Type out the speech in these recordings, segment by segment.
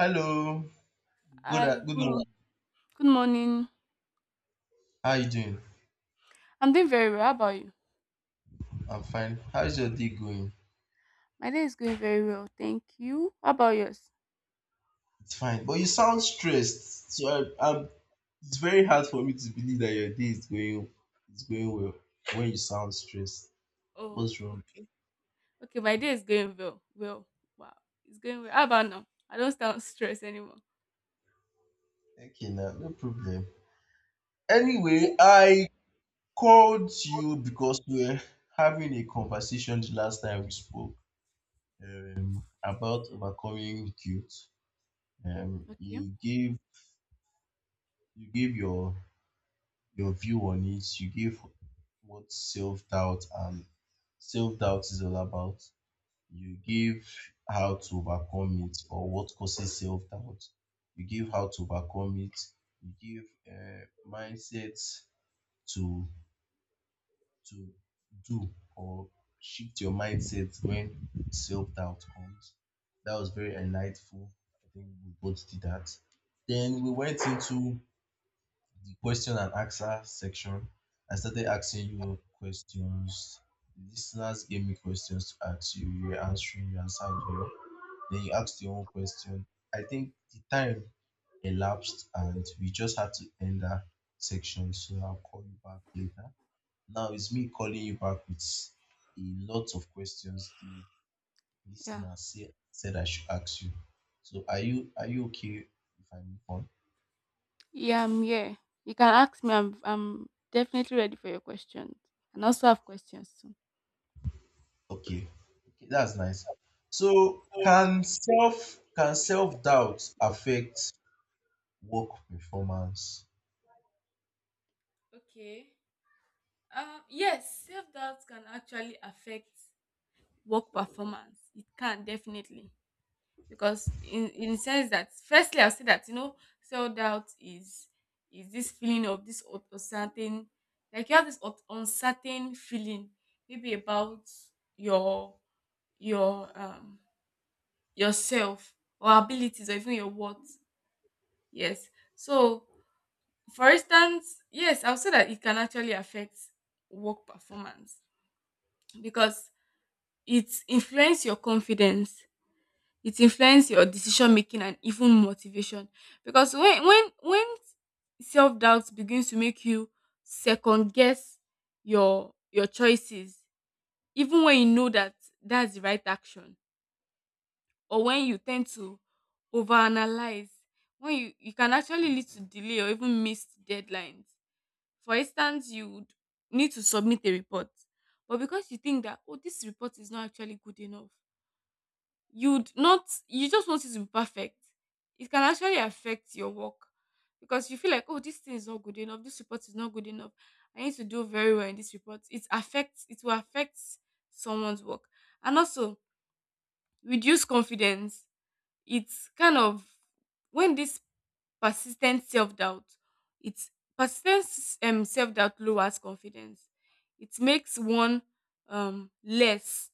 Hello. Good Hi, a- good good, morning. good morning. How you doing? I'm doing very well. How about you? I'm fine. How is your day going? My day is going very well. Thank you. How about yours? It's fine. But you sound stressed. I'm it's very hard for me to believe that your day is going well when you sound stressed. Oh, What's wrong? okay. Okay, my day is going well. Well, wow. It's going well. How about now? I don't sound stressed anymore. Okay now, no problem. Anyway, I called you because we were having a conversation the last time we spoke about overcoming guilt. Um, Okay. you gave you gave your view on it. You gave what self doubt and self doubt is all about. You give how to overcome it or what causes self doubt. You give how to overcome it. You give uh, mindsets to to do or shift your mindset when self doubt comes. That was very enlightful. I think we both did that. Then we went into the question and answer section, I started asking you questions. The listeners gave me questions to ask you. You were answering, you answered well. Then you asked your own question. I think the time elapsed and we just had to end that section. So I'll call you back later. Now it's me calling you back with a lot of questions the Yeah. listener said I should ask you. So are you okay if I move on? Yeah, I'm here. You can ask me. I'm definitely ready for your questions. And also have questions too. Okay. Okay, that's nice. So can self-doubt affect work performance? Okay. Yes, self doubt can actually affect work performance. It can definitely, because in the sense that firstly I'll say that you know self doubt is this feeling of this uncertain, like you have this uncertain feeling maybe about your your yourself or abilities or even your worth. Yes. So for instance, yes, I'll say that it can actually affect work performance because it influence your confidence, it influences your decision making and even motivation. Because when self-doubt begins to make you second guess your choices, even when you know that that's the right action, or when you tend to overanalyze, when you can actually lead to delay or even missed deadlines. For instance, you would need to submit a report, but because you think that, oh, this report is not actually good enough, you'd not you just want it to be perfect, it can actually affect your work. Because you feel like, oh, this thing is not good enough, this report is not good enough, I need to do very well in this report. It will affect someone's work. And also reduce confidence. It's kind of, when this persistent self-doubt, it's persistent, self-doubt lowers confidence. It makes one less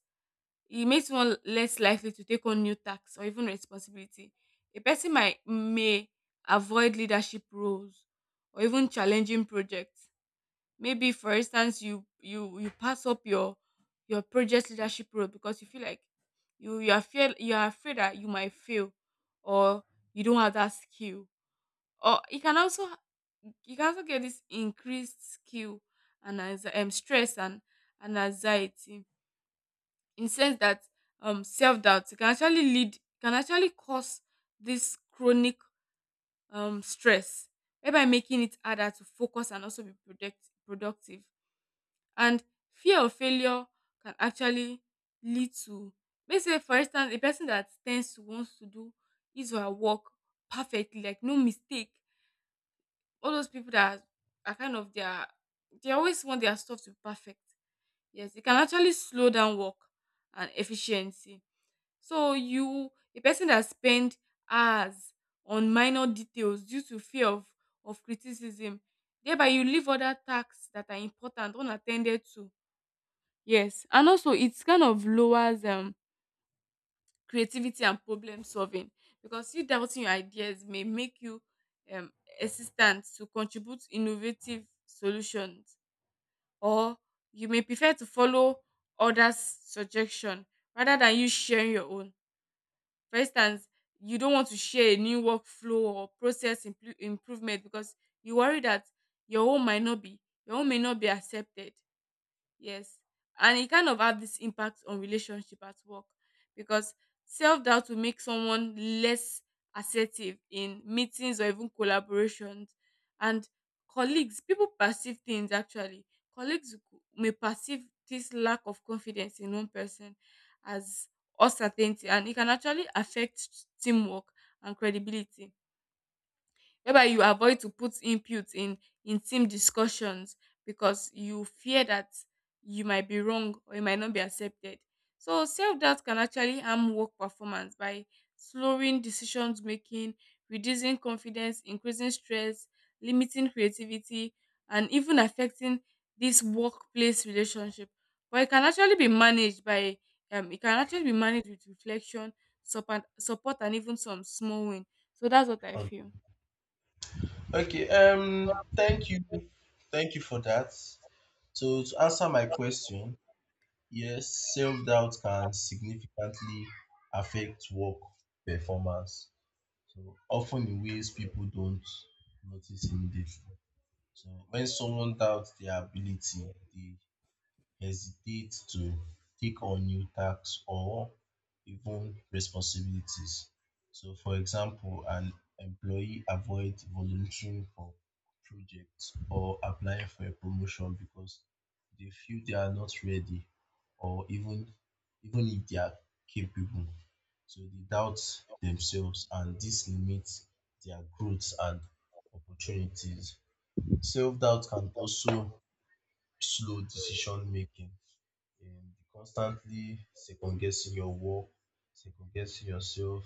it makes one less likely to take on new tasks or even responsibility. A person might may avoid leadership roles or even challenging projects. Maybe for instance you pass up your project leadership role because you feel like you are afraid that you might fail, or you don't have that skill. Or you can also, you can also get this increased skill and as stress and anxiety. In sense that self-doubt can actually lead, can actually cause this chronic stress, thereby making it harder to focus and also be productive. And fear of failure can actually lead to, let's say, for instance, a person that tends to wants to do his or her work perfectly, like no mistake. All those people that are kind of, their, they always want their stuff to be perfect. Yes, it can actually slow down work and efficiency. So you, a person that spend hours on minor details due to fear of criticism, thereby you leave other tasks that are important unattended to. Yes. And also it's kind of lowers creativity and problem solving, because you doubting your ideas may make you um hesitant to contribute innovative solutions, or you may prefer to follow others' suggestion rather than you sharing your own. For instance, you don't want to share a new workflow or process improvement because you worry that your own might not be your own may not be accepted. Yes. And it kind of have this impact on relationship at work, because self doubt will make someone less assertive in meetings or even collaborations. And colleagues, people perceive things actually. May perceive this lack of confidence in one person as uncertainty, and it can actually affect teamwork and credibility, whereby you avoid to put input in team discussions because you fear that you might be wrong or you might not be accepted. So self-doubt can actually harm work performance by slowing decisions making, reducing confidence, increasing stress, limiting creativity, and even affecting this workplace relationship. But it can actually be managed by it can actually be managed with reflection, support, and even some small win. So that's what I Okay. feel. Okay, thank you. Thank you for that. So to answer my question, yes, self-doubt can significantly affect work performance, so often in ways people don't notice immediately. So when someone doubts their ability, they hesitate to take on new tasks or even responsibilities. So, for example, an employee avoids volunteering for projects or applying for a promotion because they feel they are not ready or even if they are capable. So they doubt themselves and this limits their growth and opportunities. Self doubt can also slow decision making and constantly second guessing your work, second guessing yourself,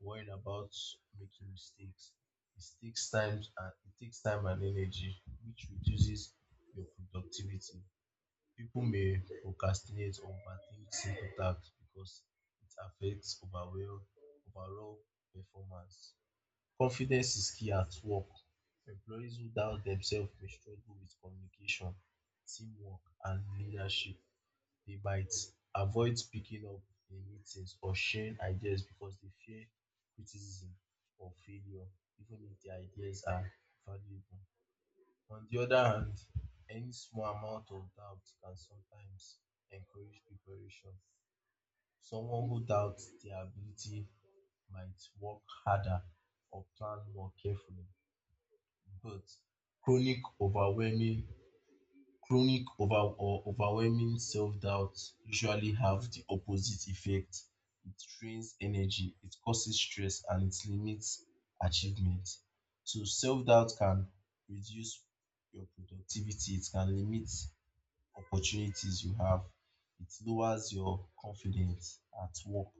worrying about making mistakes. It takes time and it takes time and energy, which reduces your productivity. People may procrastinate or overthink simple tasks because it affects overall performance. Confidence is key at work. Employees who doubt themselves may struggle with communication, teamwork, and leadership. They might avoid speaking up in meetings or sharing ideas because they fear criticism or failure, even if their ideas are valuable. On the other hand, any small amount of doubt can sometimes encourage preparation. Someone who doubts their ability might work harder or plan more carefully, but chronic overwhelming chronic over or overwhelming self-doubt usually have the opposite effect. It drains energy, it causes stress, and it limits achievement. So self-doubt can reduce your productivity, it can limit opportunities you have, it lowers your confidence at work,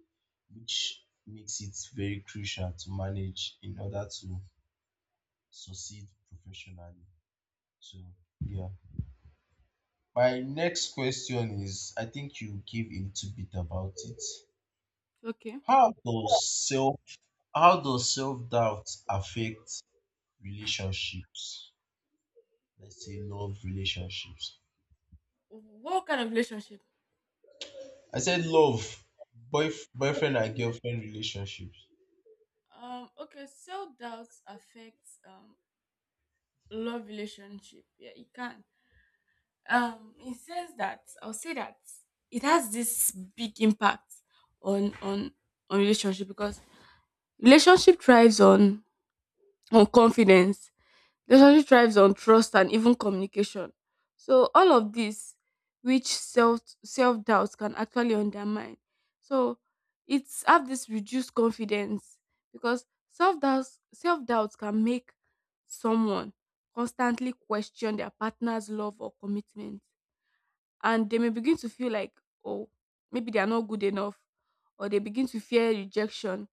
which makes it very crucial to manage in order to succeed professionally. So yeah. My next question is, I think you give a little bit about it. Okay. How does self how does self doubt affect relationships? Let's say love relationships. What kind of relationship? I said love, boyfriend Ok. and girlfriend relationships. Okay, self doubt affects love relationship. Yeah, it can. It says that I'll say that it has this big impact on on on relationship, because relationship thrives on confidence. Relationship thrives on trust and even communication. So all of this, which self doubt can actually undermine. So it's have this reduced confidence, because self doubt can make someone constantly question their partner's love or commitment, and they may begin to feel like, oh, maybe they are not good enough, or they begin to fear rejection.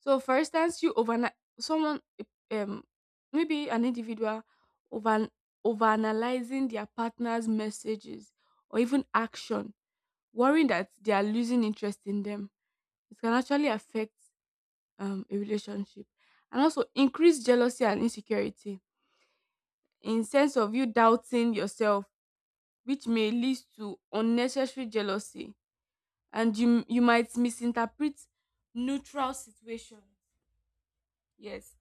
So, for instance, you overnight someone, um, maybe an individual over overanalyzing their partner's messages or even action, worrying that they are losing interest in them. It can actually affect a relationship, and also increase jealousy and insecurity, in sense of you doubting yourself, which may lead to unnecessary jealousy, and you might misinterpret neutral situations. Yes,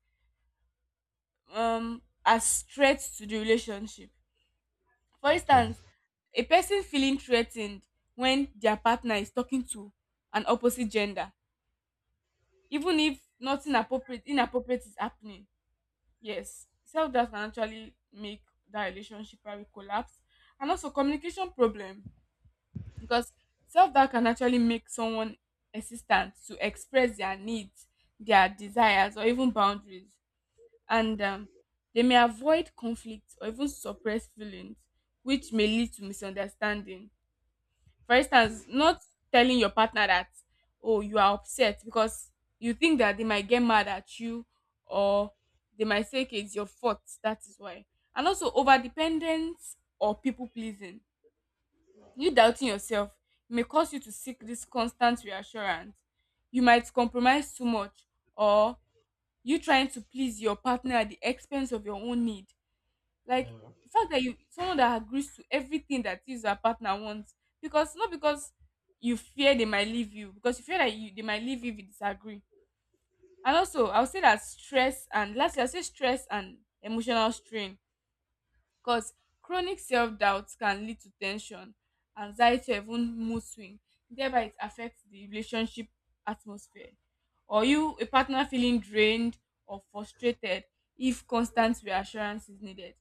as threat to the relationship. For Okay. instance, a person feeling threa ten ed when their partner is talking to an opposite gender, even if nothing appropriate inappropriate is happening. Yes, self doubt can actually make that relationship probably collapse. And also communication problem, because self doubt can actually make someone hesitant to express their needs, their desires, or even boundaries. And they may avoid conflict or even suppress feelings, which may lead to misunderstanding. For instance, not telling your partner that, oh, you are upset because you think that they might get mad at you, or they might say, "Okay, it's your fault, that is why." And also, over dependence or people pleasing. You doubting yourself may cause you to seek this constant reassurance. You might compromise too much, or you trying to please your partner at the expense of your own need. Like Yeah. the fact that you, someone that agrees to everything that is your partner wants, because not because you fear they might leave you, because you fear that you they might leave you if you disagree. And also, I'll say that stress and lastly, I'll say stress and emotional strain, because chronic self doubt can lead to tension, anxiety, or even mood swing. Thereby, it affects the relationship atmosphere. Or you, a partner feeling drained or frustrated if constant reassurance is needed.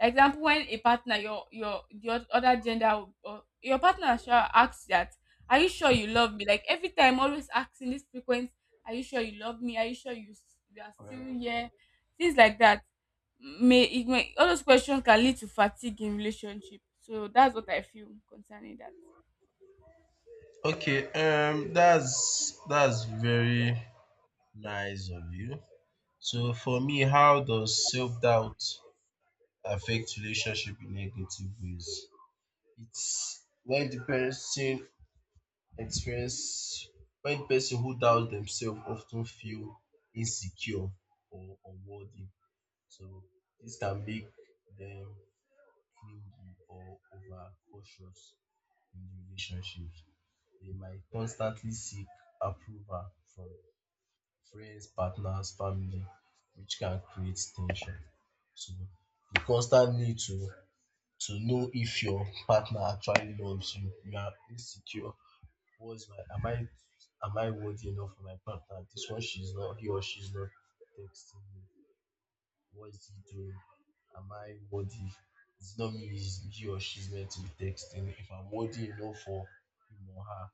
Example, when a partner, other gender, or your partner shall ask that, "Are you sure you love me?" Like every time, always asking this frequent, "Are you sure you love me? Are you sure you are still Well, here?" Things like that. May it may All those questions can lead to fatigue in relationship. So that's what I feel concerning that. okay, that's very nice of you. So for me, how does self doubt affect relationship in negative ways? It's when the person experience When the person who doubts themselves often feel insecure or unworthy. So this can make them clingy or over cautious in the relationships. They might constantly seek approval from friends, partners, family, which can create tension. So the constant need to know if your partner actually loves you. You are insecure. Was my am I worthy enough for my partner? This one she's not, he or she's not texting me. What is he doing? Am I worthy? It's not me, it's he or she's meant to be texting if I'm worthy enough for him or her.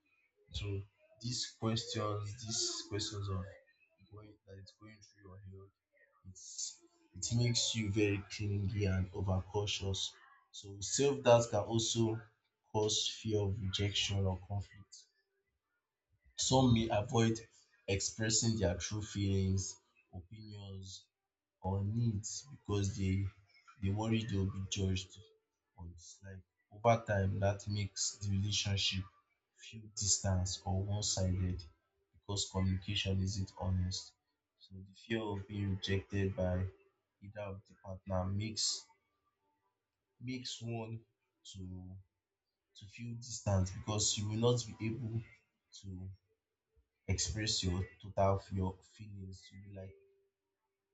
So these questions of going that it's going through your head, it's it makes you very clingy and overcautious. So self doubt can also cause fear of rejection or conflict. Some may avoid expressing their true feelings, opinions, or needs because they worry they'll be judged or disliked. Over time, that makes the relationship feel distant or one-sided because communication isn't honest. So the fear of being rejected by either of the partner makes one to to feel distant because you will not be able to express your your feelings. You be like,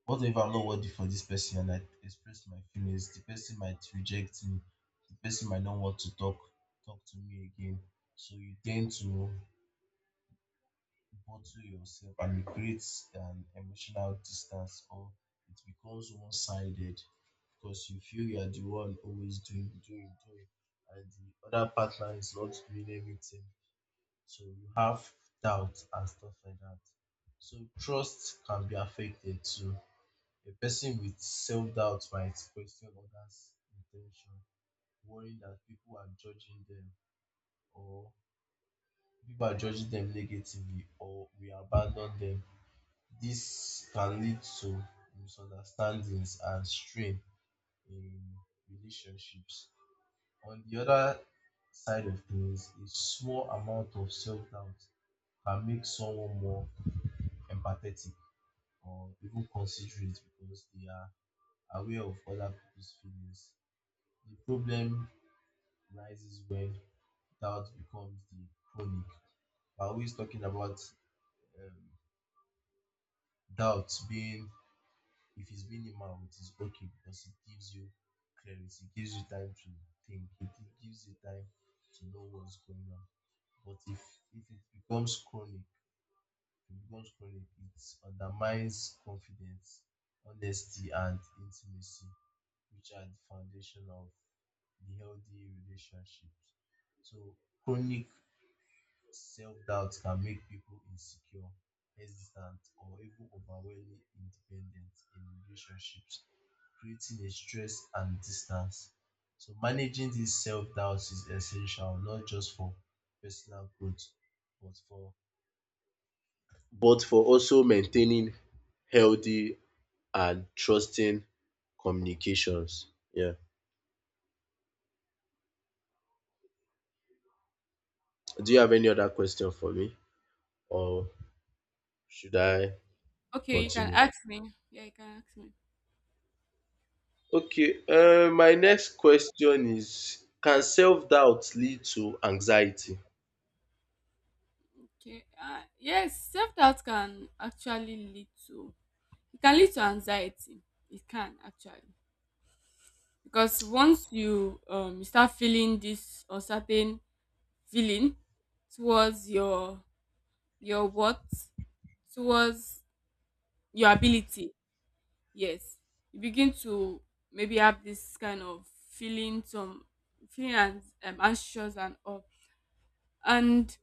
what if I'm not worthy for this person and I express my feelings? The person might reject me. The person might not want to talk to me again. So you tend to bottle yourself and it creates an emotional distance, or it becomes one sided because you feel you are the one always doing, doing, doing, and the other partner is not doing everything, so you have doubts and stuff like that. So trust can be affected too. A person with self doubt might question others' intention, worrying that or people are judging them negatively or we abandon them. This can lead to misunderstandings and strain in relationships. On the other side of things, a small amount of self doubt can make someone more empathetic or even considerate because they are aware of other people's feelings. The problem rises when doubt becomes the chronic. We're always talking about um, doubt being, if it's minimal, it is okay because it gives you clarity, it gives you time to think, it gives you time to know what's going on. But if, if it becomes chronic, it becomes chronic, it undermines confidence, honesty, and intimacy, which are the foundation of the healthy relationships. So chronic self-doubt can make people insecure, hesitant, or even overwhelmingly independent in relationships, creating a stress and distance. So managing this self-doubt is essential, not just for personal growth, but for also maintaining healthy and trusting communications. Yeah. Do you have any other question for me, or should I Okay, you can continue? ask me. Yeah, you can ask me. Okay. My next question is, can self doubt lead to anxiety? Okay. Yes, self doubt can actually lead to, it can lead to anxiety. It can actually. Because once you you start feeling this uncertain feeling towards your worth, towards your ability. Yes, you begin to maybe have this kind of feeling, some feeling and anxious and all. And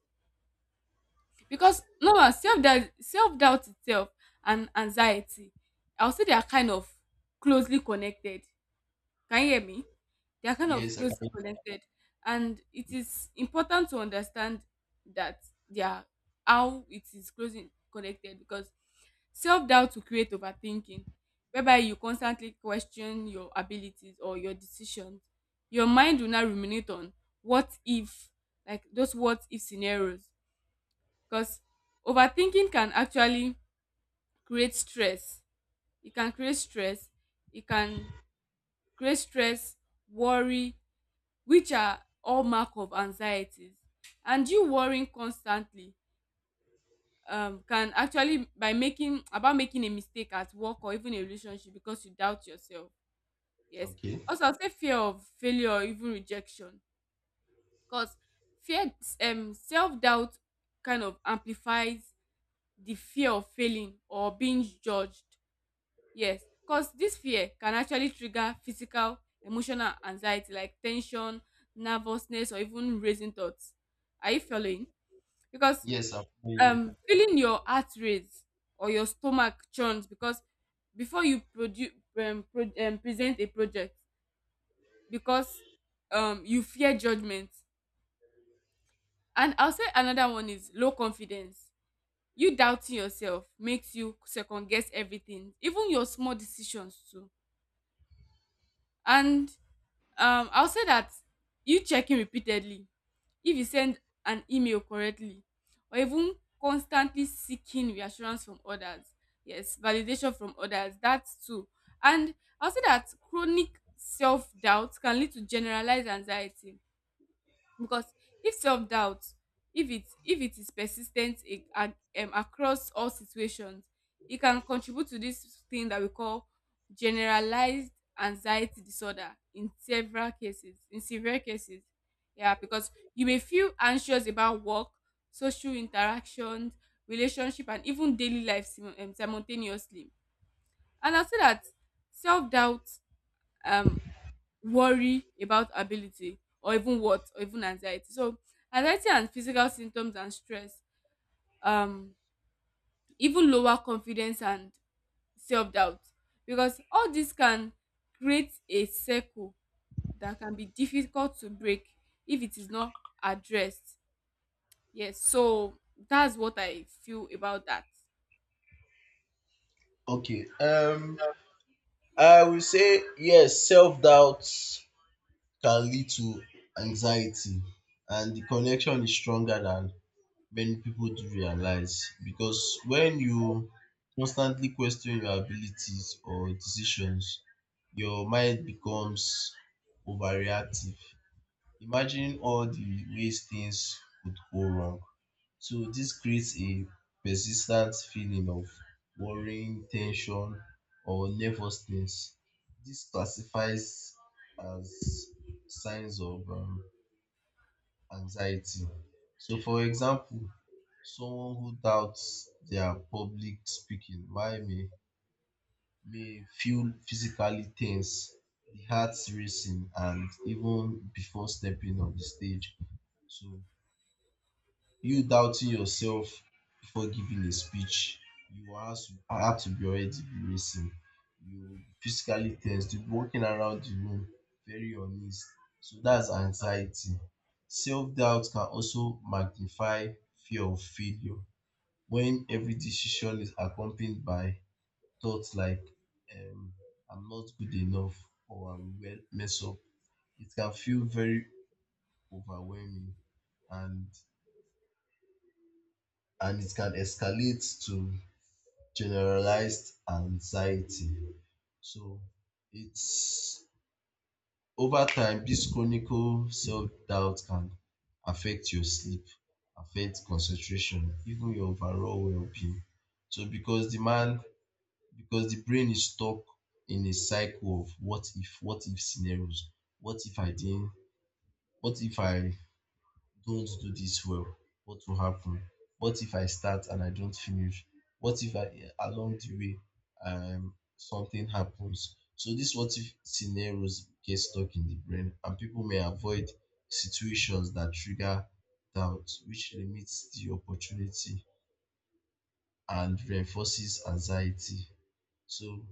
because no one, self-doubt itself and anxiety, I would say they are kind of closely connected. Can you hear me? They are kind of Yes, I closely can. connected, and it is important to understand that they are, how it is closely connected, because self doubt will create overthinking, whereby you constantly question your abilities or your decisions. Your mind will now ruminate on what if, like those what if scenarios, because overthinking can actually create stress. It can create stress. It can create stress, worry, which are hallmark of anxieties. And you worrying constantly, can actually by making about making a mistake at work or even a relationship because you doubt yourself. Yes. Okay. Also, I'll say fear of failure or even rejection, because fear self doubt kind of amplifies the fear of failing or being judged. Yes, because this fear can actually trigger physical, emotional anxiety like tension, nervousness, or even raising thoughts. Are you following? Because Yes, I can, hearing you. Feeling your heart rate or your stomach churns because before you produce, present a project, because you fear judgment. And I'll say another one is low confidence. You doubting yourself makes you second guess everything, even your small decisions too. And I'll say that you checking repeatedly if you send an email correctly, or even constantly seeking reassurance from others, yes, validation from others, that too. And I'll say that chronic self-doubt can lead to generalized anxiety, because if self-doubt, if it is persistent ten t ag across all situations, e can contribute to this thing that we call generalized anxiety disorder in several cases, in severe cases. Yeah, because you may feel anxious about work, social interactions, relationship, and even daily life simultaneously. And I say that self-doubt, um worry about ability or even what or even anxiety, so anxiety and physical symptoms and stress, um even lower confidence and self-doubt, because all this can create a circle that can be difficult to break if it is not addressed. Yes, so that's what I feel about that. Okay. I will say yes. Self doubt can lead to anxiety, and the connection is stronger than many people do realize, because when you constantly question your abilities or decisions, your mind becomes overreactive, imagining all the ways things could go wrong. So this creates a persistent feeling of worrying, tension, or nervousness. This classifies as signs of anxiety. So, for example, someone who doubts their public may feel physically tense, the heart racing, and even before stepping on the stage. So, you doubting yourself before giving a speech, you have to be already be racing. You will be physically tense, you'll be walking around the room very uneasy. So, that's anxiety. Self doubt can also magnify fear of failure when every decision is accompanied by thoughts like um, I'm not good enough or I mess up. It can feel very overwhelming, and and it can escalate to generalized anxiety. So it's over time this chronic self-doubt can affect your sleep, affect concentration, even your overall well-being. So because the brain is stuck in a cycle of what if scenarios. What if I didn't, what if I don't do this well? What will happen? What if I start and I don't finish? What if I along the way something happens? So this what if scenarios get stuck in the brain, and people may avoid situations that trigger doubt, which limits the opportunity and reinforces anxiety. So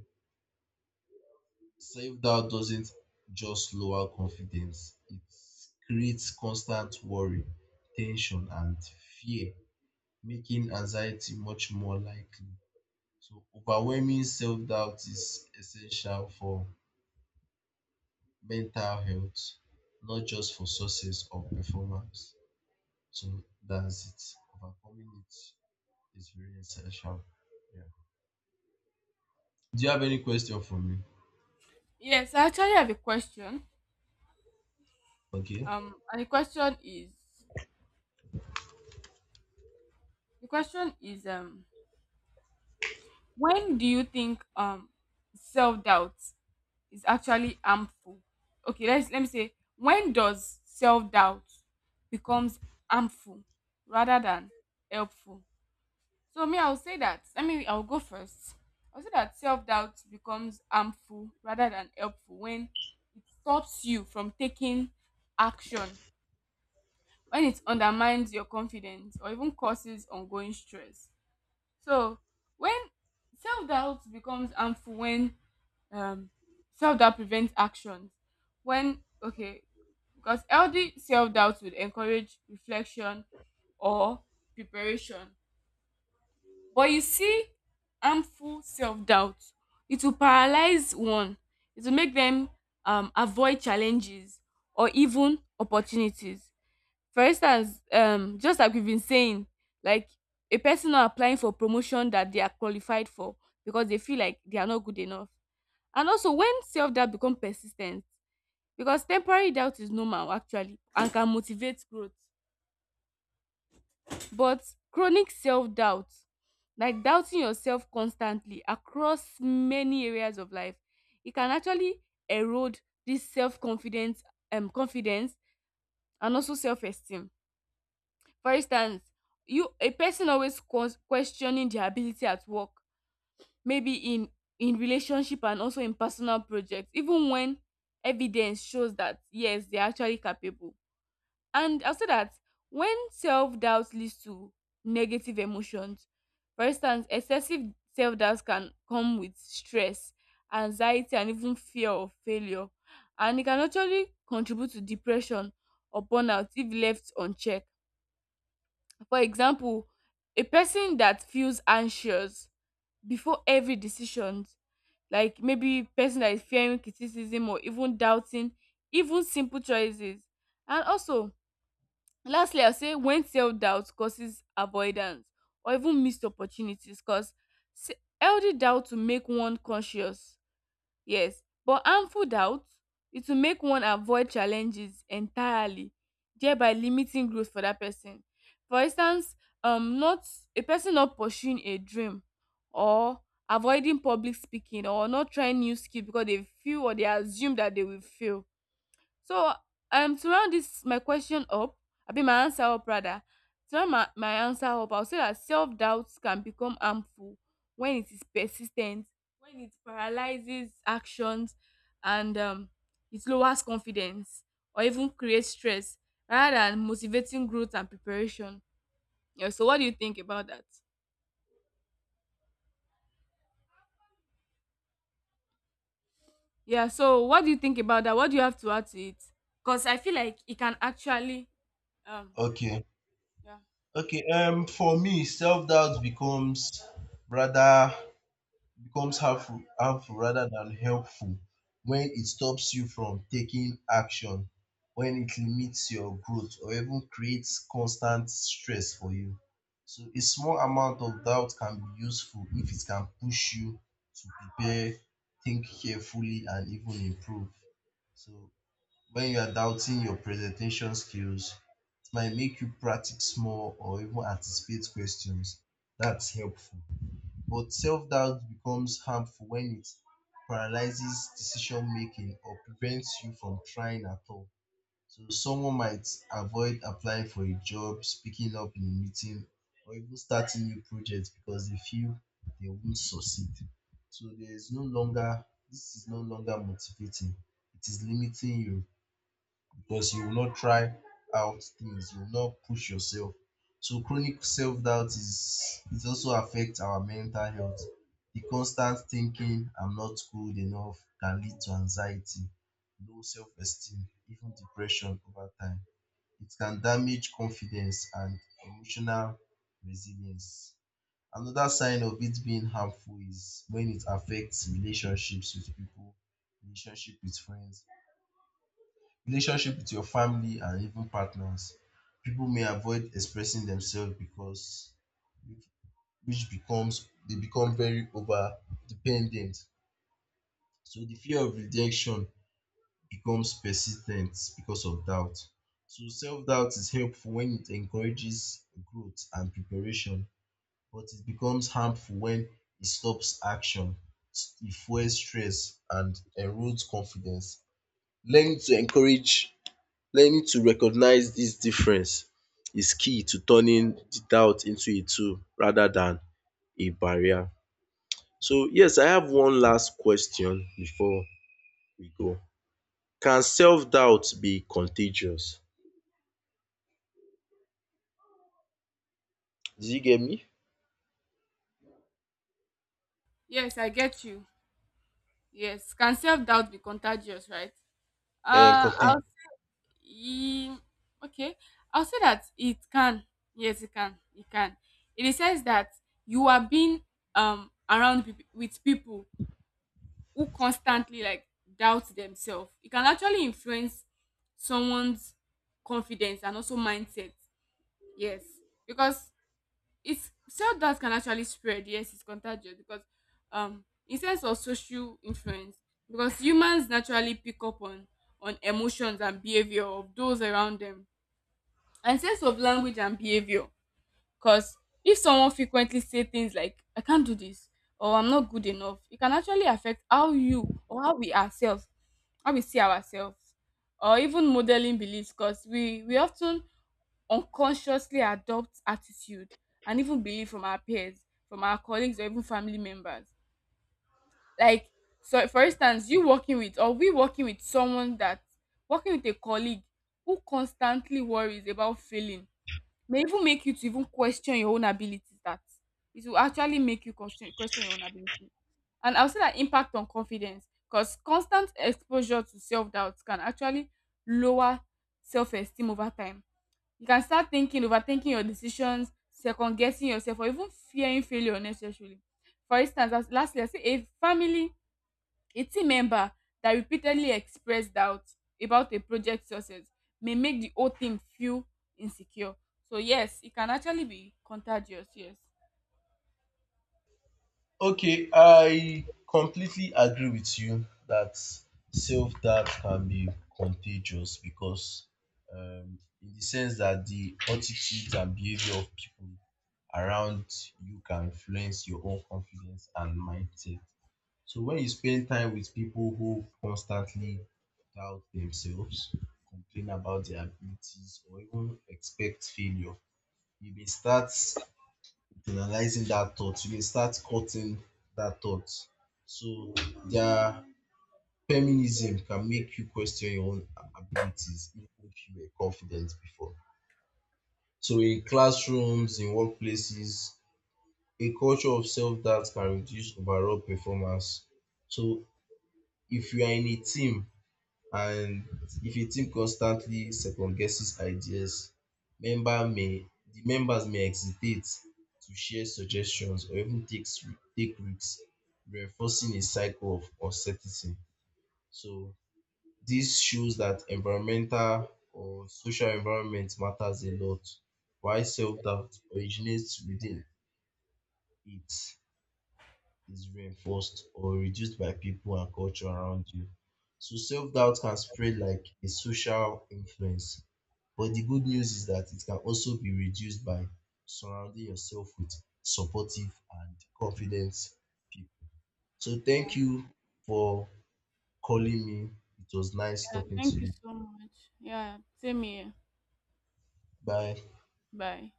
self-doubt doesn't just lower confidence, it creates constant worry, tension, and fear, making anxiety much more likely. So, overwhelming self-doubt is essential for mental health, not just for success or performance. So, that's it. Overcoming it is very essential. Yeah. Do you have any question for me? Yes, I actually have a question. Okay. And the question is, the question is when do you think self doubt is actually harmful? Okay, let me say, when does self-doubt becomes harmful rather than helpful? So me, I'll say that, I mean, I'll go first. I'll say that self-doubt becomes harmful rather than helpful when it stops you from taking action, when it undermines your confidence or even causes ongoing stress. So when self-doubt becomes harmful when um self doubt prevents actions when, okay, because healthy self doubt would encourage reflection or preparation, but you see, harmful self doubt, it will paralyze one, it will make them avoid challenges or even opportunities. For instance, just like we've been saying, like a person not applying for promotion that they are qualified for because they feel like they are not good enough. And also when self doubt become persis ten t, because temporary doubt is normal actually and can motivate growth, but chronic self doubt, like doubting yourself constantly across many areas of life, e can actually erode this self confidence, confidence, and also self esteem. For instance, you, a person always questioning their ability at work, maybe in relationship and also in personal projects, even when evidence shows that yes, they're actually capable. And I'll say that when self-doubt leads to negative emotions, for instance, excessive self-doubt can come with stress, anxiety, and even fear of failure, and it can actually contribute to depression or burnout if left unchecked. For example, a person that feels anxious before every decision, like maybe person that is fearing criticism or even doubting even simple choices. And also, lastly, I'll say when self doubt causes avoidance or even missed opportunities, because healthy doubt to make one conscious. Yes, but harmful doubt, it will make one avoid challenges entirely, thereby limiting growth for that person. For instance, not a person not pursuing a dream, or avoiding public speaking, or not trying new skill because they feel or they assume that they will fail. So to round this my question up, abi my answer up rather, to round my answer up, I'll say that self-doubt can become harmful when it is persistent, when it paralyzes actions, and it lowers confidence or even creates stress rather than motivating growth and preparation. Yeah, so what do you think about that? Yeah, so what do you think about that? What do you have to add to it? Because I feel like it can actually um Okay. yeah. Okay, for me, self-doubt rather becomes harmful rather than helpful when it stops you from taking action, when it limits your growth, or even creates constant stress for you. So a small amount of doubt can be useful if it can push you to prepare, think carefully, and even improve. So when you are doubting your presentation skills, might make you practice more or even anticipate questions. That's helpful. But self doubt becomes harmful when it paralyzes decision making or prevents you from trying at all. So, someone might avoid applying for a job, speaking up in a meeting, or even starting new projects because they feel they won't succeed. So, there is no longer, this is no longer motivating, it is limiting you because you will not try out things, you will not push yourself. So chronic self-doubt is, it also affects our mental health. The constant thinking I'm not good enough can lead to anxiety, low self-esteem, even depression over time. It can damage confidence and emotional resilience. Another sign of it being harmful is when it affects relationships with people, relationship with friends, relationship with your family and even partners. People may avoid expressing themselves, because which becomes they become very over dependent. So the fear of rejection becomes persistent because of doubt. So self doubt is helpful when it encourages growth and preparation, but it becomes harmful when it stops action, it fuels stress, and erodes confidence. Learn to encourage Learning to recognize this difference is key to turning the doubt into a tool rather than a barrier. So yes, I have one last question before we go. Can self doubt be contagious? Did you get me? Yes, I get you. Yes, can self doubt be contagious, right? Uh, Contagious. I'll, e- okay, I'll say that it can. Yes, it can. It can. In the sense that you are being around peop with people who constantly like doubt themselves, it can actually influence someone's confidence and also mindset. Yes, because it's self doubt can actually spread. Yes, it's contagious because in sense of social influence, because humans naturally pick up on emotions and behavior of those around them, and sense of language and behavior, because if someone frequently say things like I can't do this or I'm not good enough, it can actually affect how you, or how we ourselves, how we see ourselves, or even modeling beliefs because we often unconsciously adopt attitude and even belief from our peers, from our colleagues, or even family members. Like, so for instance, you working with or we working with someone that, working with a colleague who constantly worries about failing, may even make you to even question your own abilities. That, it will actually make you question your own ability. And I'll say that impact on confidence, because constant exposure to self doubt can actually lower self esteem over time. You can start thinking, overthinking your decisions, second guessing yourself, or even fearing failure unnecessarily. For instance, as lastly, I say a family, a team member that repeatedly expressed doubt about a project success may make the whole thing feel insecure. So yes, it can actually be contagious. Yes. Okay, I completely agree with you that self doubt can be contagious because, in the sense that the attitudes and behavior of people around you can influence your own confidence and mindset. So, when you spend time with people who constantly doubt themselves, complain about their abilities, or even expect failure, you may start analyzing that thought, you dey start cutting that thought. So their feminism can make you question your own abilities even if you were confident before. So in classrooms, in workplaces, a culture of self doubt can reduce overall performance. So if you are in a team, and if a team constantly second guesses ideas, member may the members may hesitate to share suggestions or even take risks, reinforcing a cycle of uncertainty. So this shows that environmental or social environment matters a lot, while self doubt originates within it, is reinforced or reduced by people and culture around you. So self doubt can spread like a social influence. But the good news is that it can also be reduced by surrounding yourself with supportive and confident people. So Yeah. thank you for calling me. It was nice Yeah, talking to thank you you. so much. Yeah, same here. Bye. Bye.